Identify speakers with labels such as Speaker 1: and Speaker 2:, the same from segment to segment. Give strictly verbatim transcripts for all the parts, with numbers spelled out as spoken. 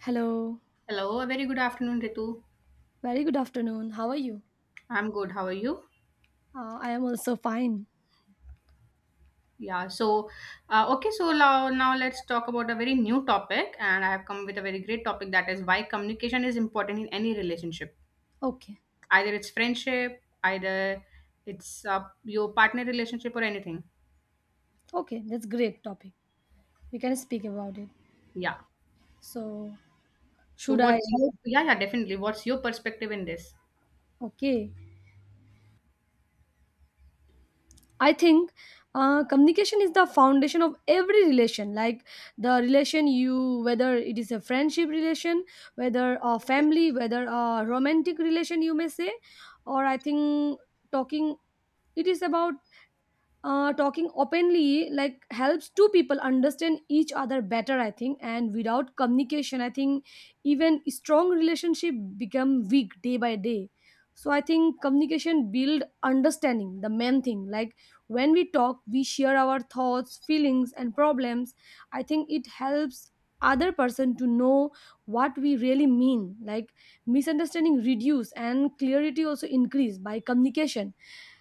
Speaker 1: Hello.
Speaker 2: Hello, a very good afternoon, Ritu.
Speaker 1: Very good afternoon. How are you?
Speaker 2: I'm good. How are you?
Speaker 1: Uh, I am also fine.
Speaker 2: Yeah, so uh, okay, so now, now let's talk about a very new topic, and I have come with a very great topic that is why communication is important in any relationship,
Speaker 1: Okay.
Speaker 2: either it's friendship, either it's uh, your partner relationship or anything.
Speaker 1: Okay, that's great topic. We can speak about it.
Speaker 2: Yeah.
Speaker 1: So,
Speaker 2: So
Speaker 1: should I?
Speaker 2: what's your yeah, yeah, definitely, what's your perspective in this?
Speaker 1: Okay. I think uh, communication is the foundation of every relation. Like the relation you, whether it is a friendship relation, whether a family, whether a romantic relation, you may say, or I think talking. It is about uh, talking openly like helps two people understand each other better, I think, and without communication I think even strong relationship become weak day by day. So I think communication build understanding, the main thing. Like when we talk, we share our thoughts, feelings and problems. I think it helps other person to know what we really mean, like misunderstanding reduce and clarity also increase by communication.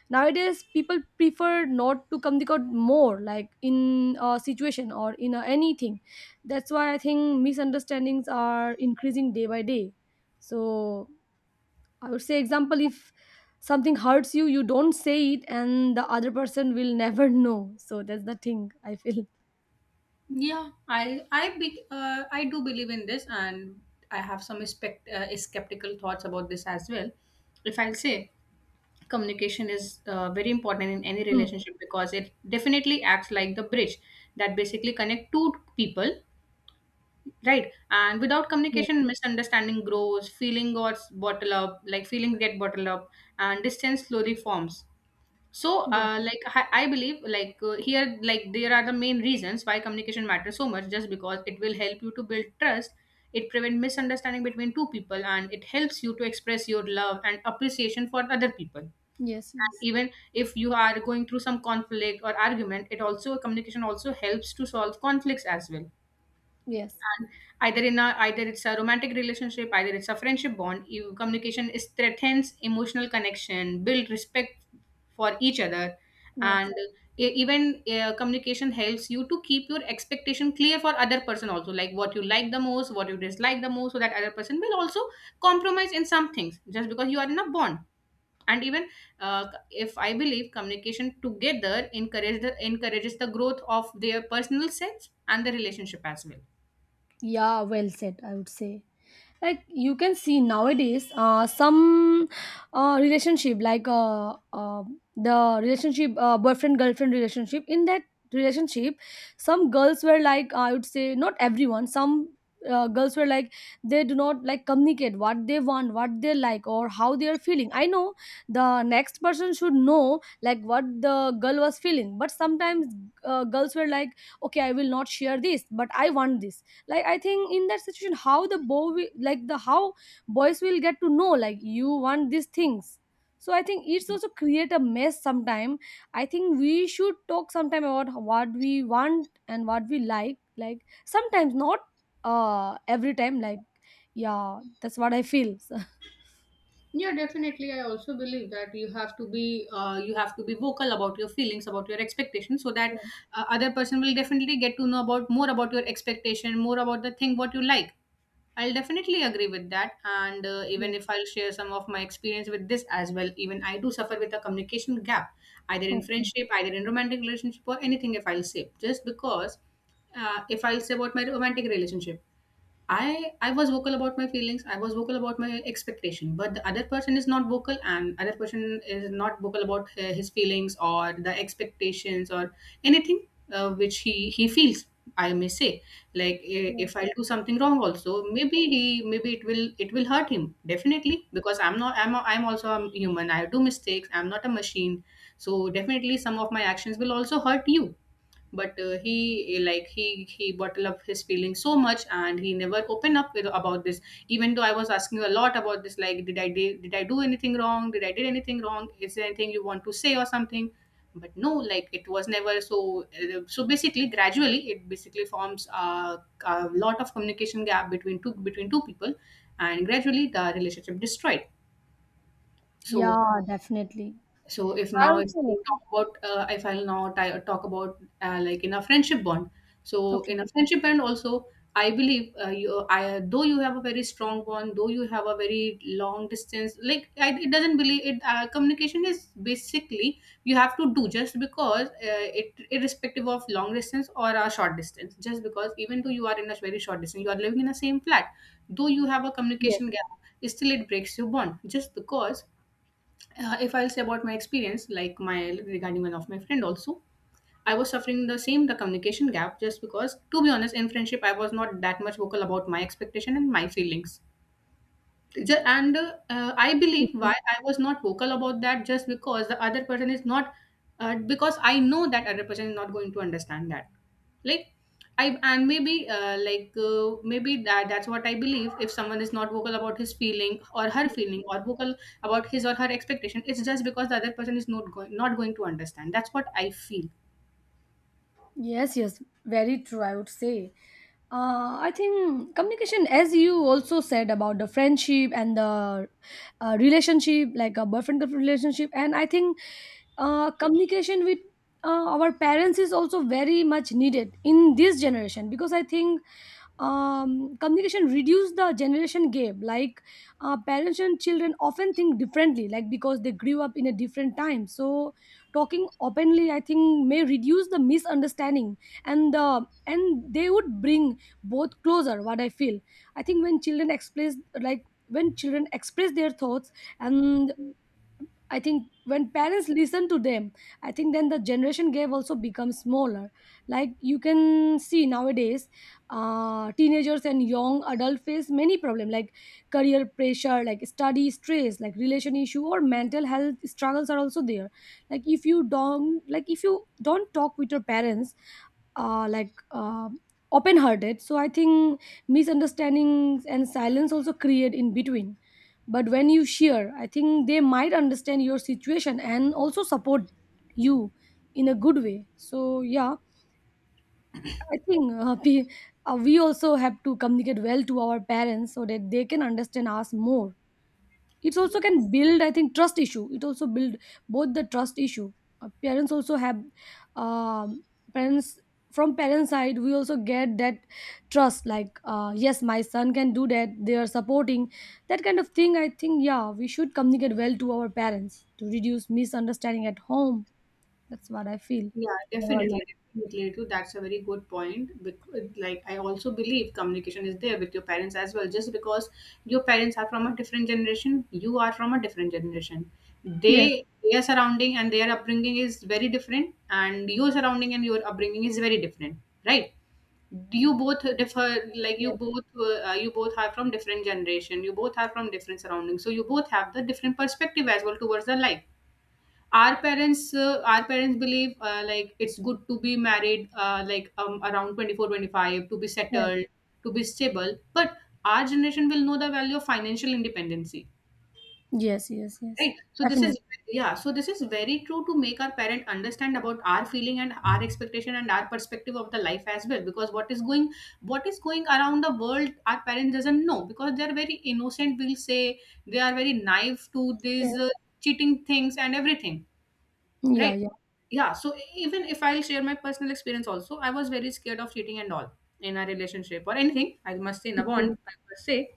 Speaker 1: Nowadays people prefer not to communicate more, like in a situation or in a anything. That's why I think misunderstandings are increasing day by day. So I would say, example, if something hurts you, you don't say it and the other person will never know. So that's the thing I feel.
Speaker 2: Yeah, I I be, uh, I do believe in this, and I have some spect, uh, skeptical thoughts about this as well. If I'll say. Communication is uh, very important in any
Speaker 1: Hmm.
Speaker 2: relationship because it definitely acts like the bridge that basically connect two people, right, and without
Speaker 1: Yes.
Speaker 2: communication misunderstanding grows, feeling gets bottled up like feeling get bottled up and distance slowly forms. So
Speaker 1: Yes.
Speaker 2: uh, like I, I believe, like uh, here, like there are the main reasons why communication matters so much, just because it will help you to build trust, it prevents misunderstanding between two people, and it helps you to express your love and appreciation for other people.
Speaker 1: Yes.
Speaker 2: And
Speaker 1: Yes.
Speaker 2: even if you are going through some conflict or argument, it also communication also helps to solve conflicts as well.
Speaker 1: Yes.
Speaker 2: And either in a either it's a romantic relationship, either it's a friendship bond, you, communication is strengthens emotional connection, build respect for each other.
Speaker 1: Yes.
Speaker 2: And e- even uh, communication helps you to keep your expectation clear for other person also, like what you like the most, what you dislike the most, so that other person will also compromise in some things just because you are in a bond. And even uh, if I believe communication together encourage the, encourages the growth of their personal selves and the relationship as well.
Speaker 1: Yeah, well said, I would say. Like you can see nowadays, uh, some uh, relationship like uh, uh, the relationship uh, boyfriend girlfriend relationship, in that relationship some girls were like, I would say not everyone, some uh, girls were like they do not like communicate what they want, what they like, or how they are feeling. I know the next person should know like what the girl was feeling, but sometimes uh, girls were like, okay, I will not share this, but I want this. Like I think in that situation, how the boy wi- like the how boys will get to know like you want these things. So I think it's also create a mess sometime. I think we should talk sometime about what we want and what we like like sometimes not uh every time like. Yeah, that's what I feel. So,
Speaker 2: Yeah, definitely. I also believe that you have to be uh, you have to be vocal about your feelings, about your expectations, so that
Speaker 1: yes,
Speaker 2: uh, other person will definitely get to know about more about your expectation, more about the thing what you like. I'll definitely agree with that. And uh, even
Speaker 1: yes,
Speaker 2: if I'll share some of my experience with this as well, even I do suffer with a communication gap, either in
Speaker 1: okay.
Speaker 2: friendship, either in romantic relationship, or anything if I'll say. Just because uh, if I'll say about my romantic relationship, I I was vocal about my feelings. I was vocal about my expectation, but the other person is not vocal, and other person is not vocal about uh, his feelings or the expectations or anything uh, which he he feels. I may say, like i-
Speaker 1: Yes.
Speaker 2: if I do something wrong, also maybe he maybe it will it will hurt him definitely, because I'm not, I'm a, I'm also a human. I do mistakes. I'm not a machine, so definitely some of my actions will also hurt you. But uh, he eh, like he he bottled up his feelings so much, and he never opened up with, about this, even though I was asking a lot about this, like did i did, did i do anything wrong did i did anything wrong is there anything you want to say or something? But no, like, it was never so. Uh, so basically, gradually it basically forms a, a lot of communication gap between two between two people, and gradually the relationship destroyed. So
Speaker 1: Yeah, definitely.
Speaker 2: so if
Speaker 1: I
Speaker 2: now if
Speaker 1: also
Speaker 2: I talk about uh, if I'll now ti- talk about uh, like, in a friendship bond. So
Speaker 1: okay.
Speaker 2: in a friendship bond also, I believe uh, you, I though you have a very strong bond, though you have a very long distance. Like, I, it doesn't believe it. Uh, communication is basically you have to do, just because uh, it irrespective of long distance or a short distance. Just because, even though you are in a very short distance, you are living in the same flat, though you have a
Speaker 1: Yes.
Speaker 2: communication gap, still it breaks your bond. Just because uh, if I'll say about my experience, like my regarding one of my friend also, I was suffering the same, the communication gap, just because, to be honest, in friendship I was not that much vocal about my expectation and my feelings. Ju- and uh, uh, I believe why
Speaker 1: Okay.
Speaker 2: I was not vocal about that, just because the other person is not, uh, because I know that other person is not going to understand that, like, I and maybe uh, like uh, maybe that that's what I believe, if someone is not vocal about his feeling or her feeling, or vocal about his or her expectation, it's just because the other person is not going not going to understand. That's what I feel.
Speaker 1: Yes, yes, very true, I would say. Uh, I think communication, as you also said about the friendship and the uh, relationship, like a boyfriend girlfriend relationship, and I think uh, communication with uh, our parents is also very much needed in this generation because I think um, communication reduce the generation gap. Like uh, parents and children often think differently, like because they grew up in a different time. So talking openly I think may reduce the misunderstanding and the and they would bring both closer, what I feel. I think when children express like when children express their thoughts, and I think when parents listen to them, I think then the generation gap also becomes smaller. Like you can see nowadays, uh, teenagers and young adult face many problems, like career pressure, like study stress, like relation issue or mental health struggles are also there. Like if you don't, like if you don't talk with your parents uh, like uh, open-hearted. So I think misunderstandings and silence also create in between. But when you share, I think they might understand your situation and also support you in a good way. So yeah, I think uh, we, uh, we also have to communicate well to our parents so that they can understand us more. It's also can build, I think, trust issue. It also build both the trust issue. Uh, parents also have um, parents from parents side. We also get that trust, like uh, yes, my son can do that. They are supporting that kind of thing. I think yeah, we should communicate well to our parents to reduce misunderstanding at home. That's what I feel.
Speaker 2: Yeah,
Speaker 1: What about you?
Speaker 2: definitely, definitely, Ritu. That's a very good point. Because, like, I also believe communication is there with your parents as well. Just because your parents are from a different generation, you are from a different generation.
Speaker 1: Yes.
Speaker 2: They, their surrounding and their upbringing is very different, and your surrounding and your upbringing is very different, right? You both differ, like you
Speaker 1: Yes.
Speaker 2: both, uh, you both are from different generation. You both are from different surroundings, so you both have the different perspective as well towards the life. Our parents uh, our parents believe, uh, like, it's good to be married, uh, like, um, around twenty four, twenty five, to be
Speaker 1: Yes.
Speaker 2: settled, to be stable. But our generation will know the value of financial independency,
Speaker 1: Yes, yes, yes.
Speaker 2: right? So this
Speaker 1: Definitely.
Speaker 2: is yeah so this is very true, to make our parent understand about our feeling and our expectation and our perspective of the life as well. Because what is going what is going around the world, our parents doesn't know, because they are very innocent, we'll say. They are very naive to these uh,
Speaker 1: Yes.
Speaker 2: cheating things and everything,
Speaker 1: Yeah,
Speaker 2: right?
Speaker 1: yeah.
Speaker 2: Yeah, so e-, even if I'll share my personal experience also, I was very scared of cheating and all in a relationship or anything, I must say, in a bond,
Speaker 1: Okay.
Speaker 2: I must say,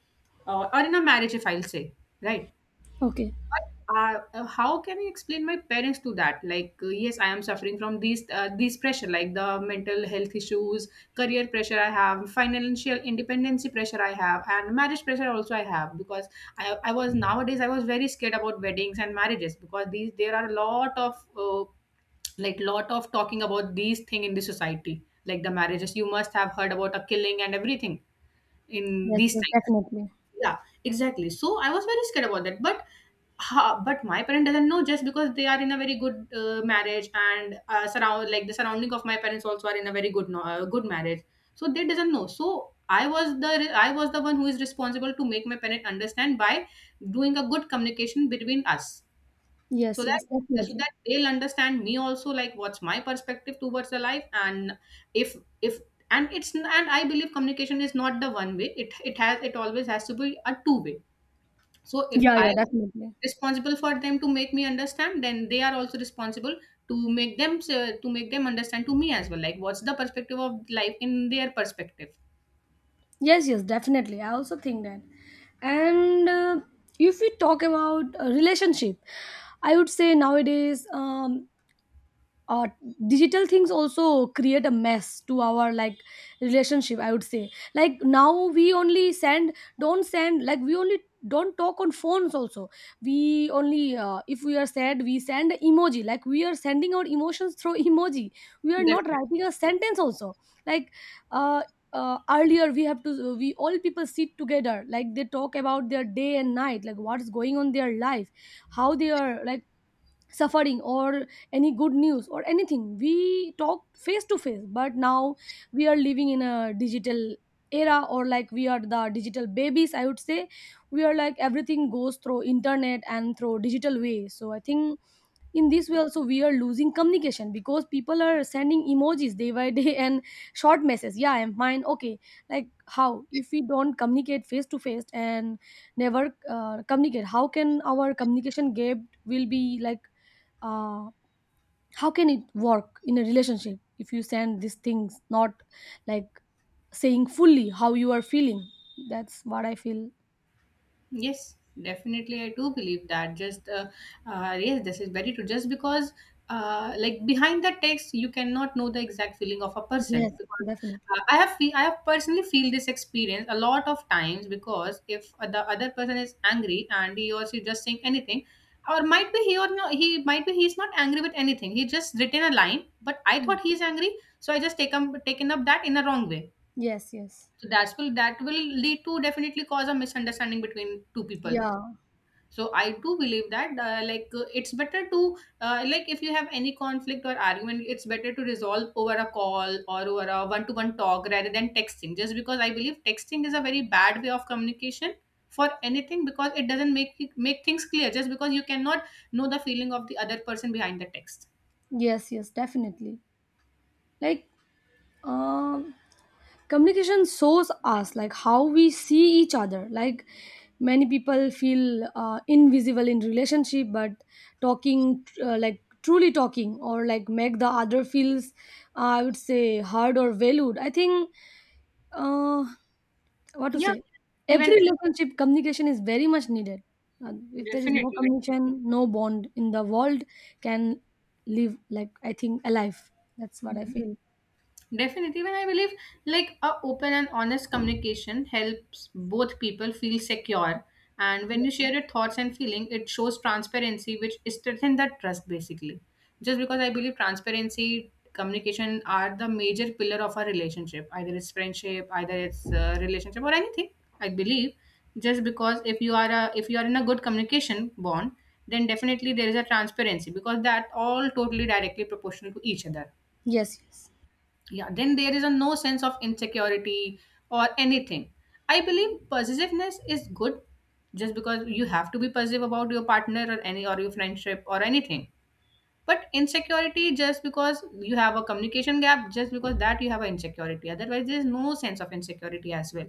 Speaker 2: uh, or in a marriage, if I'll say, right.
Speaker 1: Okay.
Speaker 2: But uh, uh, how can I explain my parents to that, like, uh, yes, I am suffering from these uh, these pressure, like the mental health issues, career pressure I have, financial independency pressure I have, and marriage pressure also I have. Because I, I was nowadays I was very scared about weddings and marriages, because these there are a lot of uh, like, lot of talking about these thing in the society, like, the marriages, you must have heard about a killing and everything in
Speaker 1: Yes,
Speaker 2: these
Speaker 1: yes,
Speaker 2: times.
Speaker 1: definitely.
Speaker 2: Yeah, exactly. So I was very scared about that. But ha, but my parent doesn't know, just because they are in a very good uh, marriage, and uh, surround like, the surrounding of my parents also are in a very good no- uh, good marriage. So they doesn't know. So i was the i was the one who is responsible to make my parent understand by doing a good communication between us, so
Speaker 1: Yes, yes,
Speaker 2: that so
Speaker 1: definitely.
Speaker 2: that they'll understand me also, like, what's my perspective towards the life. And if if and it's and I believe communication is not the one way, it it has it always has to be a two way. So if
Speaker 1: Yeah,
Speaker 2: I
Speaker 1: yeah,
Speaker 2: am
Speaker 1: definitely.
Speaker 2: responsible for them to make me understand, then they are also responsible to make them, uh, to make them understand to me as well, like, what's the perspective of life in their perspective.
Speaker 1: Yes, yes, definitely. I also think that. And uh, if we talk about a relationship, I would say nowadays, um, uh, digital things also create a mess to our, like, relationship, I would say. Like now we only send don't send like we only don't talk on phones also. We only uh, if we are sad, we send emoji, like we are sending our emotions through emoji. We are not writing a sentence also, like uh, uh, earlier we have to we all people sit together, like they talk about their day and night, like what's going on their life, how they are, like, suffering or any good news or anything. We talked face to face, but now we are living in a digital era, or like we are the digital babies, I would say. We are like everything goes through internet and through digital way. So I think in this way also we are losing communication, because people are sending emojis day by day, and short messages, yeah I'm fine, okay. Like how, if we don't communicate face to face and never uh, communicate, how can our communication gap will be like uh, how can it work in a relationship if you send these things, not like saying fully how you are feeling. That's what I feel.
Speaker 2: Yes, definitely. I do believe that. Just, uh, uh, yes, this is very true. Just because, uh, like, behind the text, you cannot know the exact feeling of a person.
Speaker 1: Yes,
Speaker 2: Because
Speaker 1: definitely.
Speaker 2: uh, I have, fe- I have personally feel this experience a lot of times. Because if the other person is angry and he or she just saying anything, or might be he or no, he might be he's not angry with anything. He just written a line, but I
Speaker 1: Mm.
Speaker 2: thought he's angry, so I just take up taken up that in a wrong way.
Speaker 1: Yes, yes.
Speaker 2: So that will that will lead to definitely cause a misunderstanding between two people.
Speaker 1: Yeah.
Speaker 2: So I do believe that, uh, like, uh, it's better to uh, like, if you have any conflict or argument, it's better to resolve over a call or over a one to one talk, rather than texting, just because I believe texting is a very bad way of communication for anything, because it doesn't make make things clear, just because you cannot know the feeling of the other person behind the text.
Speaker 1: Yes, yes, definitely, like. Um, communication shows us like how we see each other. Like many people feel uh, invisible in relationship, but talking, uh, like truly talking, or like make the other feels, uh, I would say, heard or valued. I think uh, what to
Speaker 2: Yeah,
Speaker 1: say. Every
Speaker 2: even
Speaker 1: relationship communication is very much needed. Uh, if there is no
Speaker 2: definitely, definitely.
Speaker 1: communication, no bond in the world can live, like I think alive. That's what I
Speaker 2: Mhm.
Speaker 1: feel.
Speaker 2: Definitely, when I believe, like, a open and honest communication helps both people feel secure, and when you share your thoughts and feeling, it shows transparency, which strengthens that trust basically. Just because I believe transparency, communication are the major pillar of our relationship, either it's friendship, either it's uh, relationship or anything. I believe, just because if you are a, if you are in a good communication bond, then definitely there is a transparency, because that all totally directly proportional to each other.
Speaker 1: Yes, yes,
Speaker 2: Yeah, then there is a no sense of insecurity or anything. I believe possessiveness is good, just because you have to be possessive about your partner or any or your friendship or anything. But insecurity, just because you have a communication gap, just because that, you have an insecurity, otherwise there is no sense of insecurity as well.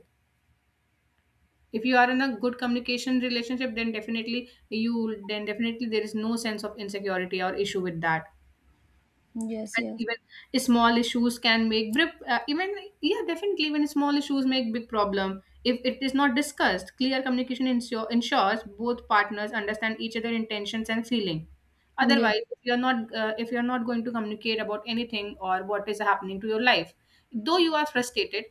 Speaker 2: If you are in a good communication relationship, then definitely you then definitely there is no sense of insecurity or issue with that.
Speaker 1: yes,
Speaker 2: And
Speaker 1: yes.
Speaker 2: even small issues can make big uh, even Yeah, definitely even small issues make big problem if it is not discussed. Clear communication ensure, ensures both partners understand each other intentions and feeling.
Speaker 1: Yes.
Speaker 2: Otherwise, if you're not uh, if you're not going to communicate about anything or what is happening to your life, though you are frustrated,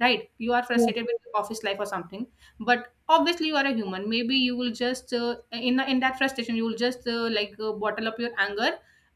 Speaker 2: right, you are
Speaker 1: Yes,
Speaker 2: frustrated with your office life or something. But obviously you are a human, maybe you will just, uh, in in that frustration, you will just uh, like uh, bottle up your anger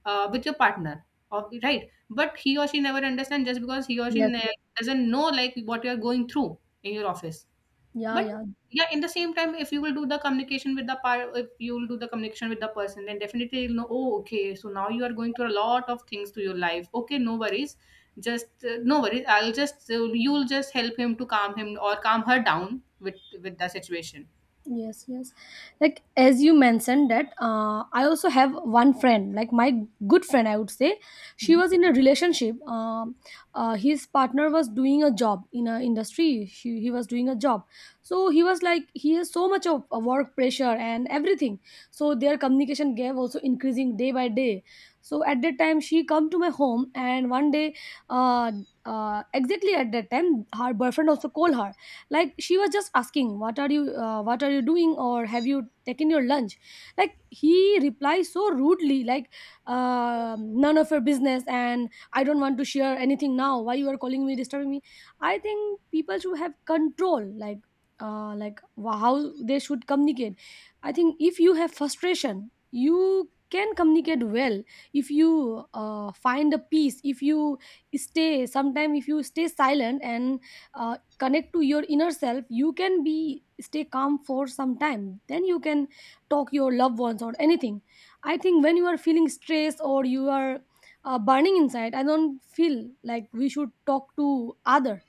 Speaker 2: uh, with your partner. Ob- right but he or she never understands, just because he or she
Speaker 1: yes, yes.
Speaker 2: ne- doesn't know like what you are going through in your office.
Speaker 1: Yeah,
Speaker 2: But
Speaker 1: yeah.
Speaker 2: yeah, in the same time, if you will do the communication with the par- if you will do the communication with the person, then definitely you'll know, oh okay, so now you are going through a lot of things to your life, okay, no worries. Just uh, no worries, I'll just uh, you'll just help him to calm him or calm her down with with the situation.
Speaker 1: Yes, yes. Like as you mentioned that, uh, I also have one friend, like my good friend I would say. She was in a relationship. Um uh, his partner was doing a job in a industry. She, he was doing a job. So he was like he has so much of uh, work pressure and everything. So their communication gap also increasing day by day. So at that time she come to my home and one day uh, uh, exactly at that time her boyfriend also called her. Like she was just asking, what are you uh, what are you doing, or have you taken your lunch. Like he replies so rudely, like, uh, none of your business and I don't want to share anything now, why you are calling me disturbing me. I think people should have control, like uh, like wh- how they should communicate. I think if you have frustration, you can communicate well. If you uh, find a peace, if you stay sometime, if you stay silent and uh, connect to your inner self, you can be stay calm for some time, then you can talk your loved ones or anything. I think when you are feeling stressed or you are uh, burning inside, I don't feel like we should talk to other,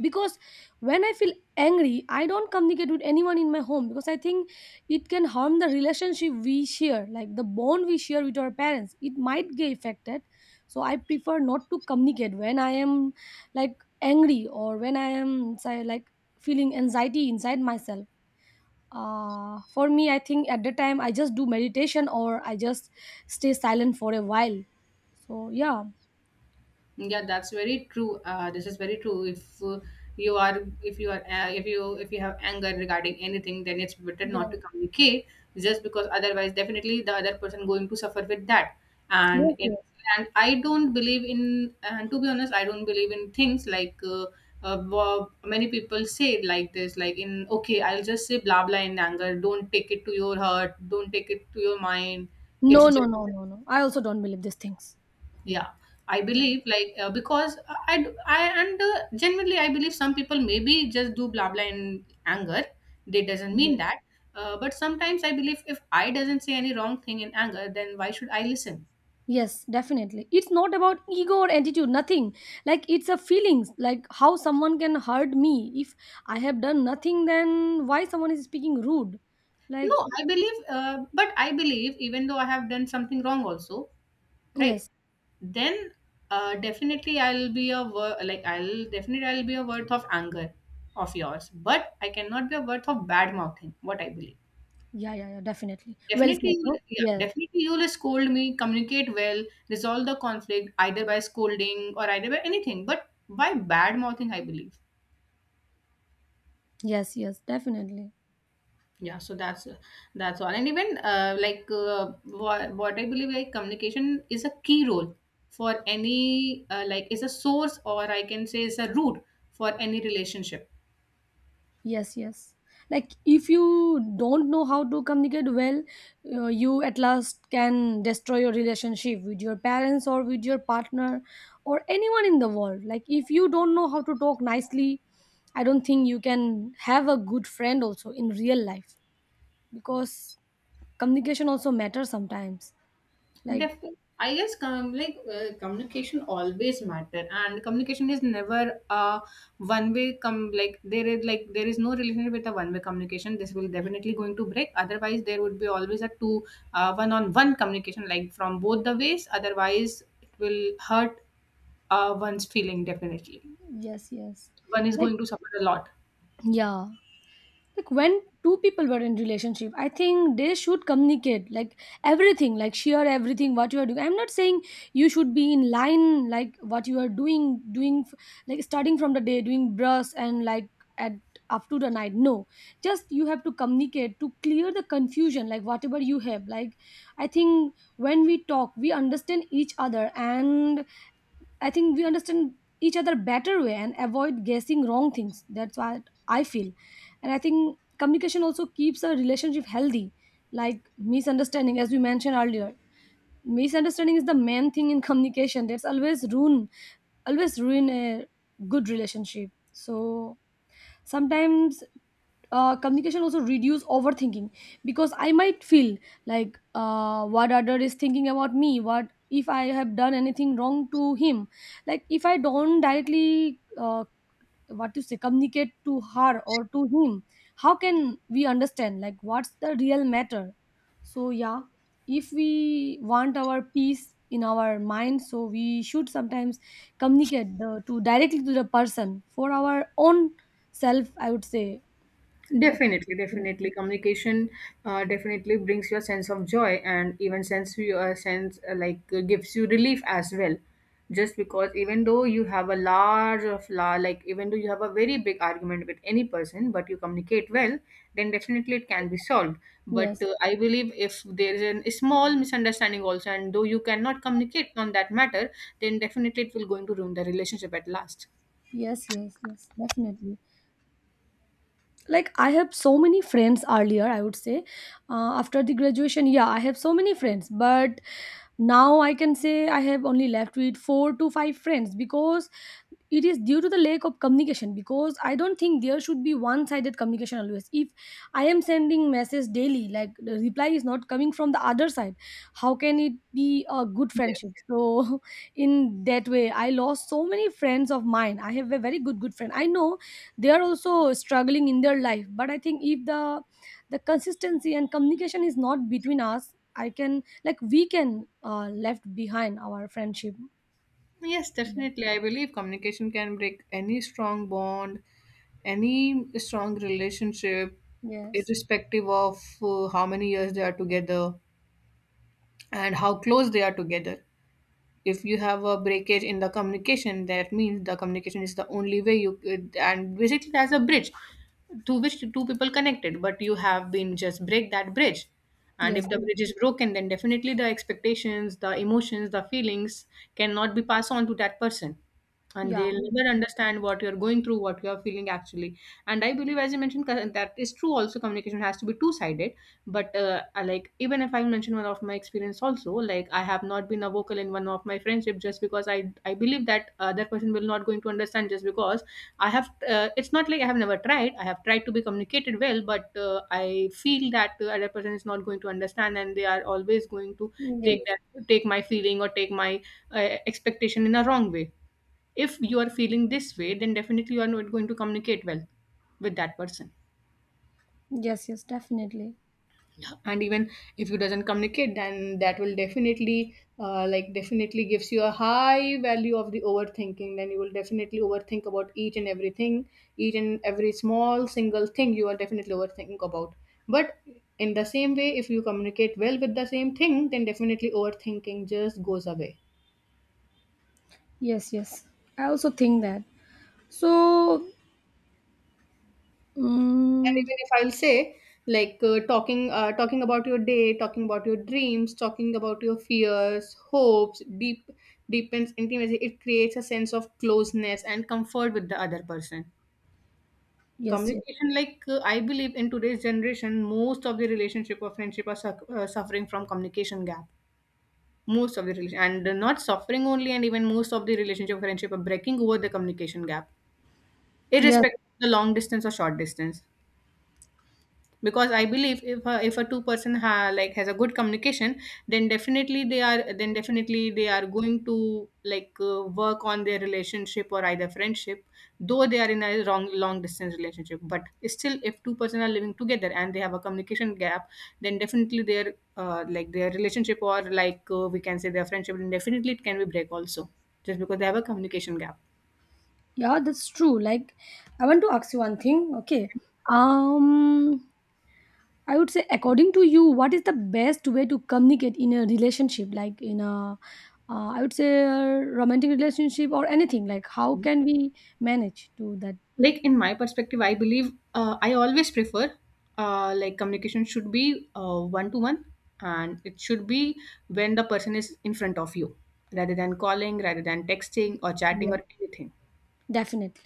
Speaker 1: because when I feel angry, I don't communicate with anyone in my home, because I think it can harm the relationship we share, like the bond we share with our parents, it might get affected. So I prefer not to communicate when I am, like, angry, or when I am say, like feeling anxiety inside myself. Uh, for me, I think at the time I just do meditation or I just stay silent for a while. So yeah,
Speaker 2: Yeah, that's very true. Uh, this is very true. If uh, you are, if you are, uh, if you if you have anger regarding anything, then it's better not
Speaker 1: yeah,
Speaker 2: to communicate, just because otherwise, definitely the other person going to suffer with that.
Speaker 1: yes,
Speaker 2: And in,
Speaker 1: yes.
Speaker 2: and I don't believe in, and to be honest, I don't believe in things like, uh, uh, wha- many people say it like this, like in okay, I'll just say blah blah in anger. Don't take it to your heart. Don't take it to your mind. It's
Speaker 1: No, no,
Speaker 2: just.
Speaker 1: no, no, no, I also don't believe these things.
Speaker 2: Yeah, I
Speaker 1: Yeah.
Speaker 2: believe, like uh, because I I and uh, genuinely I believe some people maybe just do blah blah in anger, they doesn't
Speaker 1: Yeah.
Speaker 2: mean that, uh, but sometimes I believe if I doesn't say any wrong thing in anger, then why should I listen?
Speaker 1: Yes, definitely, it's not about ego or attitude, nothing. Like it's a feelings, like how someone can hurt me if I have done nothing, then why someone is speaking rude,
Speaker 2: no
Speaker 1: like.
Speaker 2: i believe uh, but i believe, even though I have done something wrong also, right?
Speaker 1: Yes.
Speaker 2: Then, uh, definitely I'll be a wor- like I'll definitely I'll be a worth of anger of yours, but I cannot be a worth of bad mouthing, what I believe.
Speaker 1: Yeah, yeah, yeah, definitely. Well said,
Speaker 2: Definitely, you
Speaker 1: no?
Speaker 2: will- yeah,
Speaker 1: Yeah,
Speaker 2: definitely you will scold me, communicate well, resolve the conflict either by scolding or either by anything, but by bad mouthing, I believe.
Speaker 1: yes, yes, definitely.
Speaker 2: Yeah, so that's that's all. And even, uh, like uh, what, what I believe, like communication is a key role for any uh, like is a source, or I can say is a root for any relationship.
Speaker 1: Yes, yes. Like if you don't know how to communicate well, uh, you at last can destroy your relationship with your parents or with your partner or anyone in the world. Like if you don't know how to talk nicely, I don't think you can have a good friend also in real life, because communication also matters sometimes. Like,
Speaker 2: Definitely. I guess com- like uh, communication always matter, and communication is never a one way. Come like there is like There is no relationship with a one way communication. This will definitely going to break. Otherwise, there would be always a two uh, one on one communication, like from both the ways. Otherwise, it will hurt, uh, one's feeling, definitely.
Speaker 1: yes, yes.
Speaker 2: One is
Speaker 1: Like,
Speaker 2: going to suffer a lot.
Speaker 1: yeah, like when two people were in relationship, I think they should communicate like everything, like share everything what you are doing. I'm not saying you should be in line, like what you are doing doing f- like starting from the day doing brush and like at up to the night, no, just you have to communicate to clear the confusion, like whatever you have. Like I think when we talk we understand each other, and I think we understand each other better way and avoid guessing wrong things. That's what I feel. And I think communication also keeps a relationship healthy, like misunderstanding, as we mentioned earlier. Misunderstanding is the main thing in communication. That's always ruin always ruin a good relationship. So sometimes uh, communication also reduce overthinking because I might feel like uh, what other is thinking about me, what if I have done anything wrong to him, like if I don't directly uh, what to say communicate to her or to him. How can we understand like what's the real matter? So yeah, if we want our peace in our mind, so we should sometimes communicate the, to directly to the person for our own self, I would say that.
Speaker 2: Definitely, definitely. Communication uh, definitely brings you a sense of joy, and even sense you a sense, uh, like uh, gives you relief as well. Just because even though you have a large of la like even though you have a very big argument with any person, but you communicate well, then definitely it can be solved. But
Speaker 1: Yes,
Speaker 2: uh, I believe if there is an, a small misunderstanding also, and though you cannot communicate on that matter, then definitely it will going to ruin the relationship at last.
Speaker 1: yes, yes, yes, definitely. Like I have so many friends earlier, I would say uh, after the graduation, yeah, I have so many friends, but now I can say I have only left with four to five friends because it is due to the lack of communication, because I don't think there should be one sided communication always. If I am sending message daily, like the reply is not coming from the other side, how can it be a good friendship?
Speaker 2: Yes.
Speaker 1: So in that way I lost so many friends of mine. I have a very good good friend, I know they are also struggling in their life, but I think if the the consistency and communication is not between us, I can like we can uh, left behind our friendship.
Speaker 2: Yes, definitely. I believe communication can break any strong bond, any strong relationship,
Speaker 1: Yes,
Speaker 2: irrespective of, uh, how many years they are together and how close they are together. If you have a breakage in the communication, that means the communication is the only way you and basically that's a bridge to which two people connected, but you have been just break that bridge. And
Speaker 1: yes.
Speaker 2: if the bridge is broken, then definitely the expectations, the emotions, the feelings cannot be passed on to that person, and
Speaker 1: Yeah.
Speaker 2: they'll never understand what you're going through, what you're feeling, actually. And I believe, as you mentioned, co- that is true also, communication has to be two sided. But uh, I, like, even if I mention one of my experience also, like I have not been a vocal in one of my friendship, just because i i believe that other person will not going to understand, just because I have uh, it's not like I have never tried, I have tried to be communicated well, but uh, I feel that the other person is not going to understand, and they are always going to take
Speaker 1: Yes,
Speaker 2: that take my feeling, or take my, uh, expectation in a wrong way. If you are feeling this way, then definitely you are not going to communicate well with that person.
Speaker 1: yes, yes, definitely.
Speaker 2: And even if you doesn't communicate, then that will definitely, uh, like definitely gives you a high value of the overthinking. Then you will definitely overthink about each and everything, each and every small single thing you are definitely overthinking about. But in the same way, if you communicate well with the same thing, then definitely overthinking just goes away.
Speaker 1: Yes, yes, I also think that. So
Speaker 2: And
Speaker 1: mm
Speaker 2: even if I'll say, like uh, talking, uh, talking about your day, talking about your dreams, talking about your fears, hopes, deep, deepens intimacy. It creates a sense of closeness and comfort with the other person.
Speaker 1: yes, yes,
Speaker 2: Communication, like uh, I believe in today's generation, most of the relationship or friendship are suck uh, suffering from communication gap. Most of the relation, and uh, not suffering only, and even most of the relationship friendship are breaking over the communication gap,
Speaker 1: yes.
Speaker 2: irrespective of the long distance or short distance. Because I believe if a, if a two person ha, like has a good communication, then definitely they are then definitely they are going to like uh, work on their relationship or either friendship, though they are in a long long distance relationship. But still, if two person are living together and they have a communication gap, then definitely their uh, like their relationship, or like uh, we can say their friendship, then definitely it can be break also, just because they have a communication gap.
Speaker 1: Yeah, that's true. Like, I want to ask you one thing. Okay. um I would say, according to you, what is the best way to communicate in a relationship, like in a, uh, I would say, a romantic relationship or anything? Like, how can we manage to that?
Speaker 2: Like in my perspective, I believe, uh, I always prefer, uh, like communication should be one to one, and it should be when the person is in front of you, rather than calling, rather than texting or chatting
Speaker 1: Yeah,
Speaker 2: or anything.
Speaker 1: definitely.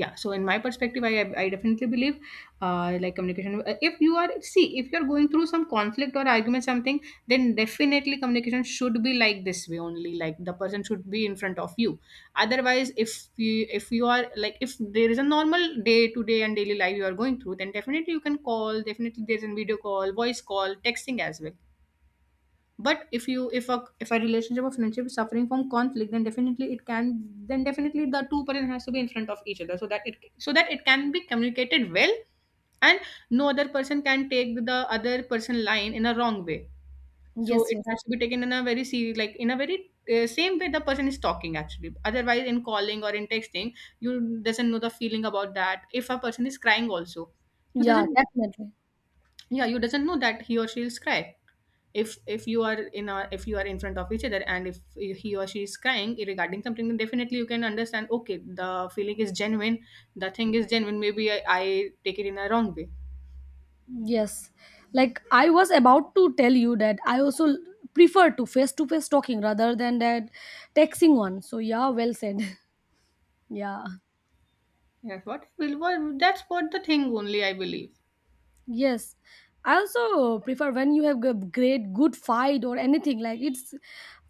Speaker 2: Yeah, so in my perspective, i i definitely believe, uh like communication, uh, if you are see if you're going through some conflict or argument something, then definitely communication should be like this way only, like the person should be in front of you. Otherwise, if you if you are like if there is a normal day to day and daily life you are going through, then definitely you can call, definitely there's a video call, voice call, texting as well. But if you if a if a relationship or friendship is suffering from conflict, then definitely it can then definitely the two person has to be in front of each other, so that it so that it can be communicated well, and no other person can take the other person line in a wrong way. So
Speaker 1: Yes,
Speaker 2: it
Speaker 1: yes.
Speaker 2: has to be taken in a very serious, like in a very uh, same way the person is talking actually, otherwise in calling or in texting you doesn't know the feeling about that. If a person is crying also, you
Speaker 1: Yeah,
Speaker 2: doesn't
Speaker 1: definitely.
Speaker 2: yeah you doesn't know that he or she will cry. If if you are in a If you are in front of each other, and if he or she is crying regarding something, then definitely you can understand, okay, the feeling is genuine, the thing is genuine. Maybe i, I take it in a wrong way.
Speaker 1: Yes. Like, I was about to tell you that I also prefer to face to face talking rather than that texting one. So, yeah, well said. Yeah.
Speaker 2: Yes, what will what that's what the thing only I believe.
Speaker 1: Yes, I also prefer when you have a great good fight or anything, like it's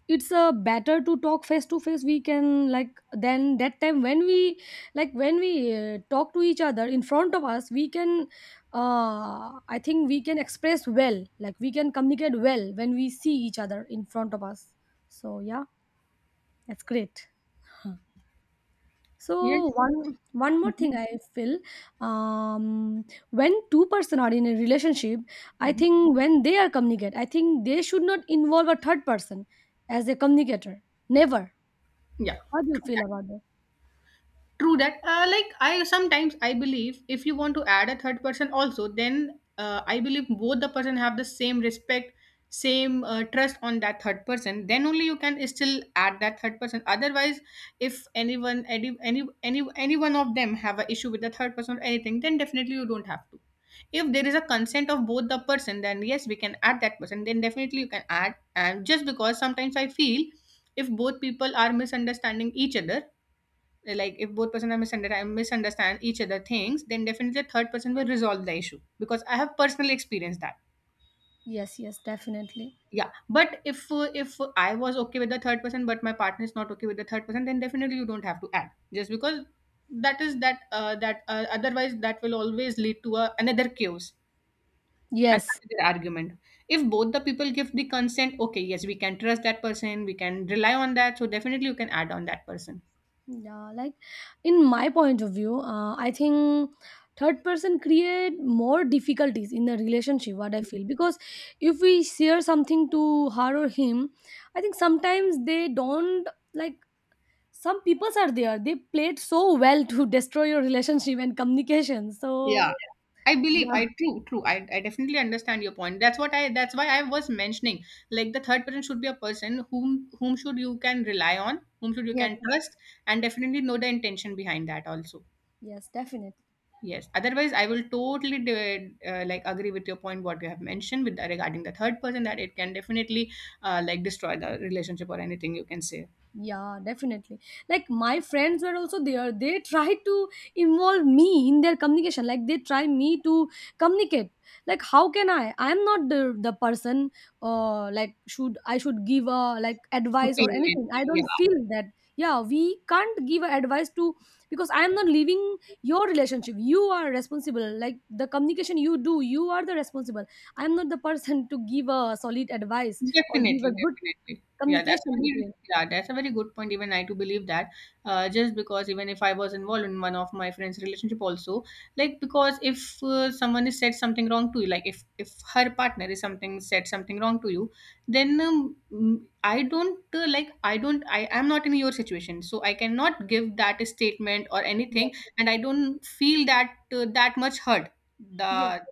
Speaker 1: it's a better to talk face to face. We can, like, then that time when we, like, when we uh, talk to each other in front of us, we can, uh I think we can express well, like we can communicate well when we see each other in front of us. So yeah, that's great.
Speaker 2: Yes.
Speaker 1: So one one more thing I feel, um, when two person are in a relationship, I
Speaker 2: Mhm. Mhm.
Speaker 1: think when they are communicate, I think they should not involve a third person as a communicator. Never.
Speaker 2: Yeah.
Speaker 1: How do you feel about that?
Speaker 2: True that. Uh, like I sometimes I believe, if you want to add a third person also, then, uh, I believe both the person have the same respect, same, uh, trust on that third person. Then only you can still add that third person. Otherwise, if anyone any any any any one of them have a issue with the third person or anything, then definitely you don't have to. If there is a consent of both the person, then yes, we can add that person. Then definitely you can add. And just because sometimes I feel if both people are misunderstanding each other, like if both person are misunderstand misunderstand each other things, then definitely the third person will resolve the issue, because I have personally experienced that.
Speaker 1: Yes, yes, definitely.
Speaker 2: Yeah, but if uh, if I was okay with the third person, but my partner is not okay with the third person, then definitely you don't have to add, just because that is that, uh, that uh, otherwise that will always lead to a, another chaos and
Speaker 1: Yes.
Speaker 2: another argument. If both the people give the consent, okay, yes, we can trust that person, we can rely on that, so definitely you can add on that person.
Speaker 1: Yeah, like in my point of view, uh, I think third person create more difficulties in the relationship. What I
Speaker 2: Mhm.
Speaker 1: feel because if we share something to her or him, I think sometimes they don't, like, some peoples are there, they played so well to destroy your relationship and communication. So
Speaker 2: Yeah, I believe
Speaker 1: yeah,
Speaker 2: I true true I, I definitely understand your point. That's what I that's why I was mentioning, like the third person should be a person whom whom should you can rely on, whom should you
Speaker 1: yes,
Speaker 2: can
Speaker 1: yes,
Speaker 2: trust, and definitely know the intention behind that also.
Speaker 1: yes, definitely.
Speaker 2: Yes, otherwise I will totally de- uh, like agree with your point what you have mentioned with the, regarding the third person, that it can definitely uh, like destroy the relationship or anything you can say.
Speaker 1: Yeah, definitely. Like my friends were also there. They tried to involve me in their communication. Like they try me to communicate. Like how can I? I'm not the the person. Uh, like, should I should give a, like, advice or
Speaker 2: Opinion.
Speaker 1: anything? I don't feel that. Yeah, we can't give a advice to, because I am not leaving your relationship. You are responsible. Like the communication you do, you are the responsible. I'm not the person to give a solid advice or give
Speaker 2: Definitely,
Speaker 1: a good
Speaker 2: definitely. Yeah, that's a
Speaker 1: communication
Speaker 2: very
Speaker 1: between.
Speaker 2: yeah, that's a very good point. Even I too believe that. Uh, just because even if I was involved in one of my friend's relationship also, like because if uh, someone is said something wrong to you, like if if her partner is something said something wrong to you, then um, mm, I don't uh, like I don't I am not in your situation, so I cannot give that statement or
Speaker 1: Yeah.
Speaker 2: anything, and I don't feel that, uh, that much hurt.
Speaker 1: Yes.
Speaker 2: The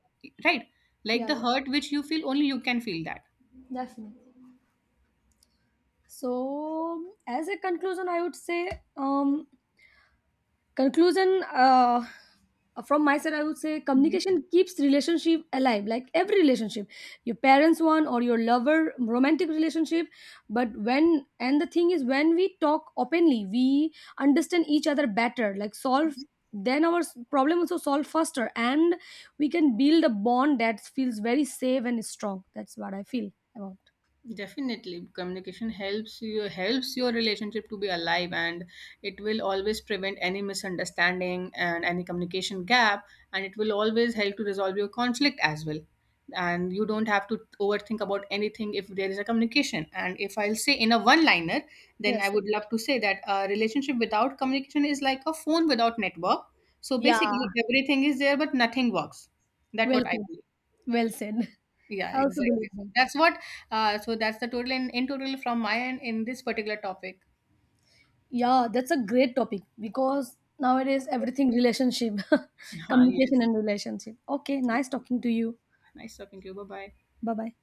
Speaker 2: right like
Speaker 1: Yeah,
Speaker 2: the hurt which you feel only you can feel that.
Speaker 1: yeah, definitely. So, as a conclusion, I would say, um, conclusion uh, from my side, I would say communication keeps relationship alive. Like every relationship, your parents one or your lover, romantic relationship. But when, and the thing is, when we talk openly, we understand each other better. Like, solve then our s- problem also solve faster, and we can build a bond that feels very safe and strong. That's what I feel about.
Speaker 2: Definitely, communication helps you helps your relationship to be alive, and it will always prevent any misunderstanding and any communication gap, and it will always help to resolve your conflict as well. And you don't have to overthink about anything if there is a communication. And if I'll say in a one-liner, then I
Speaker 1: Yes.
Speaker 2: would love to say that a relationship without communication is like a phone without network. So
Speaker 1: Yeah.
Speaker 2: basically, everything is there, but nothing works. That's
Speaker 1: Well
Speaker 2: what I
Speaker 1: said.
Speaker 2: believe.
Speaker 1: Well said.
Speaker 2: Yeah,
Speaker 1: I also believe
Speaker 2: exactly. So
Speaker 1: that.
Speaker 2: that's what, uh, so that's the total in, in total from my end in this particular topic.
Speaker 1: Yeah, that's a great topic because nowadays everything relationship,
Speaker 2: Ah,
Speaker 1: communication
Speaker 2: yes.
Speaker 1: and relationship. Okay, nice talking to you.
Speaker 2: Nice talking to you. Bye bye.
Speaker 1: Bye bye.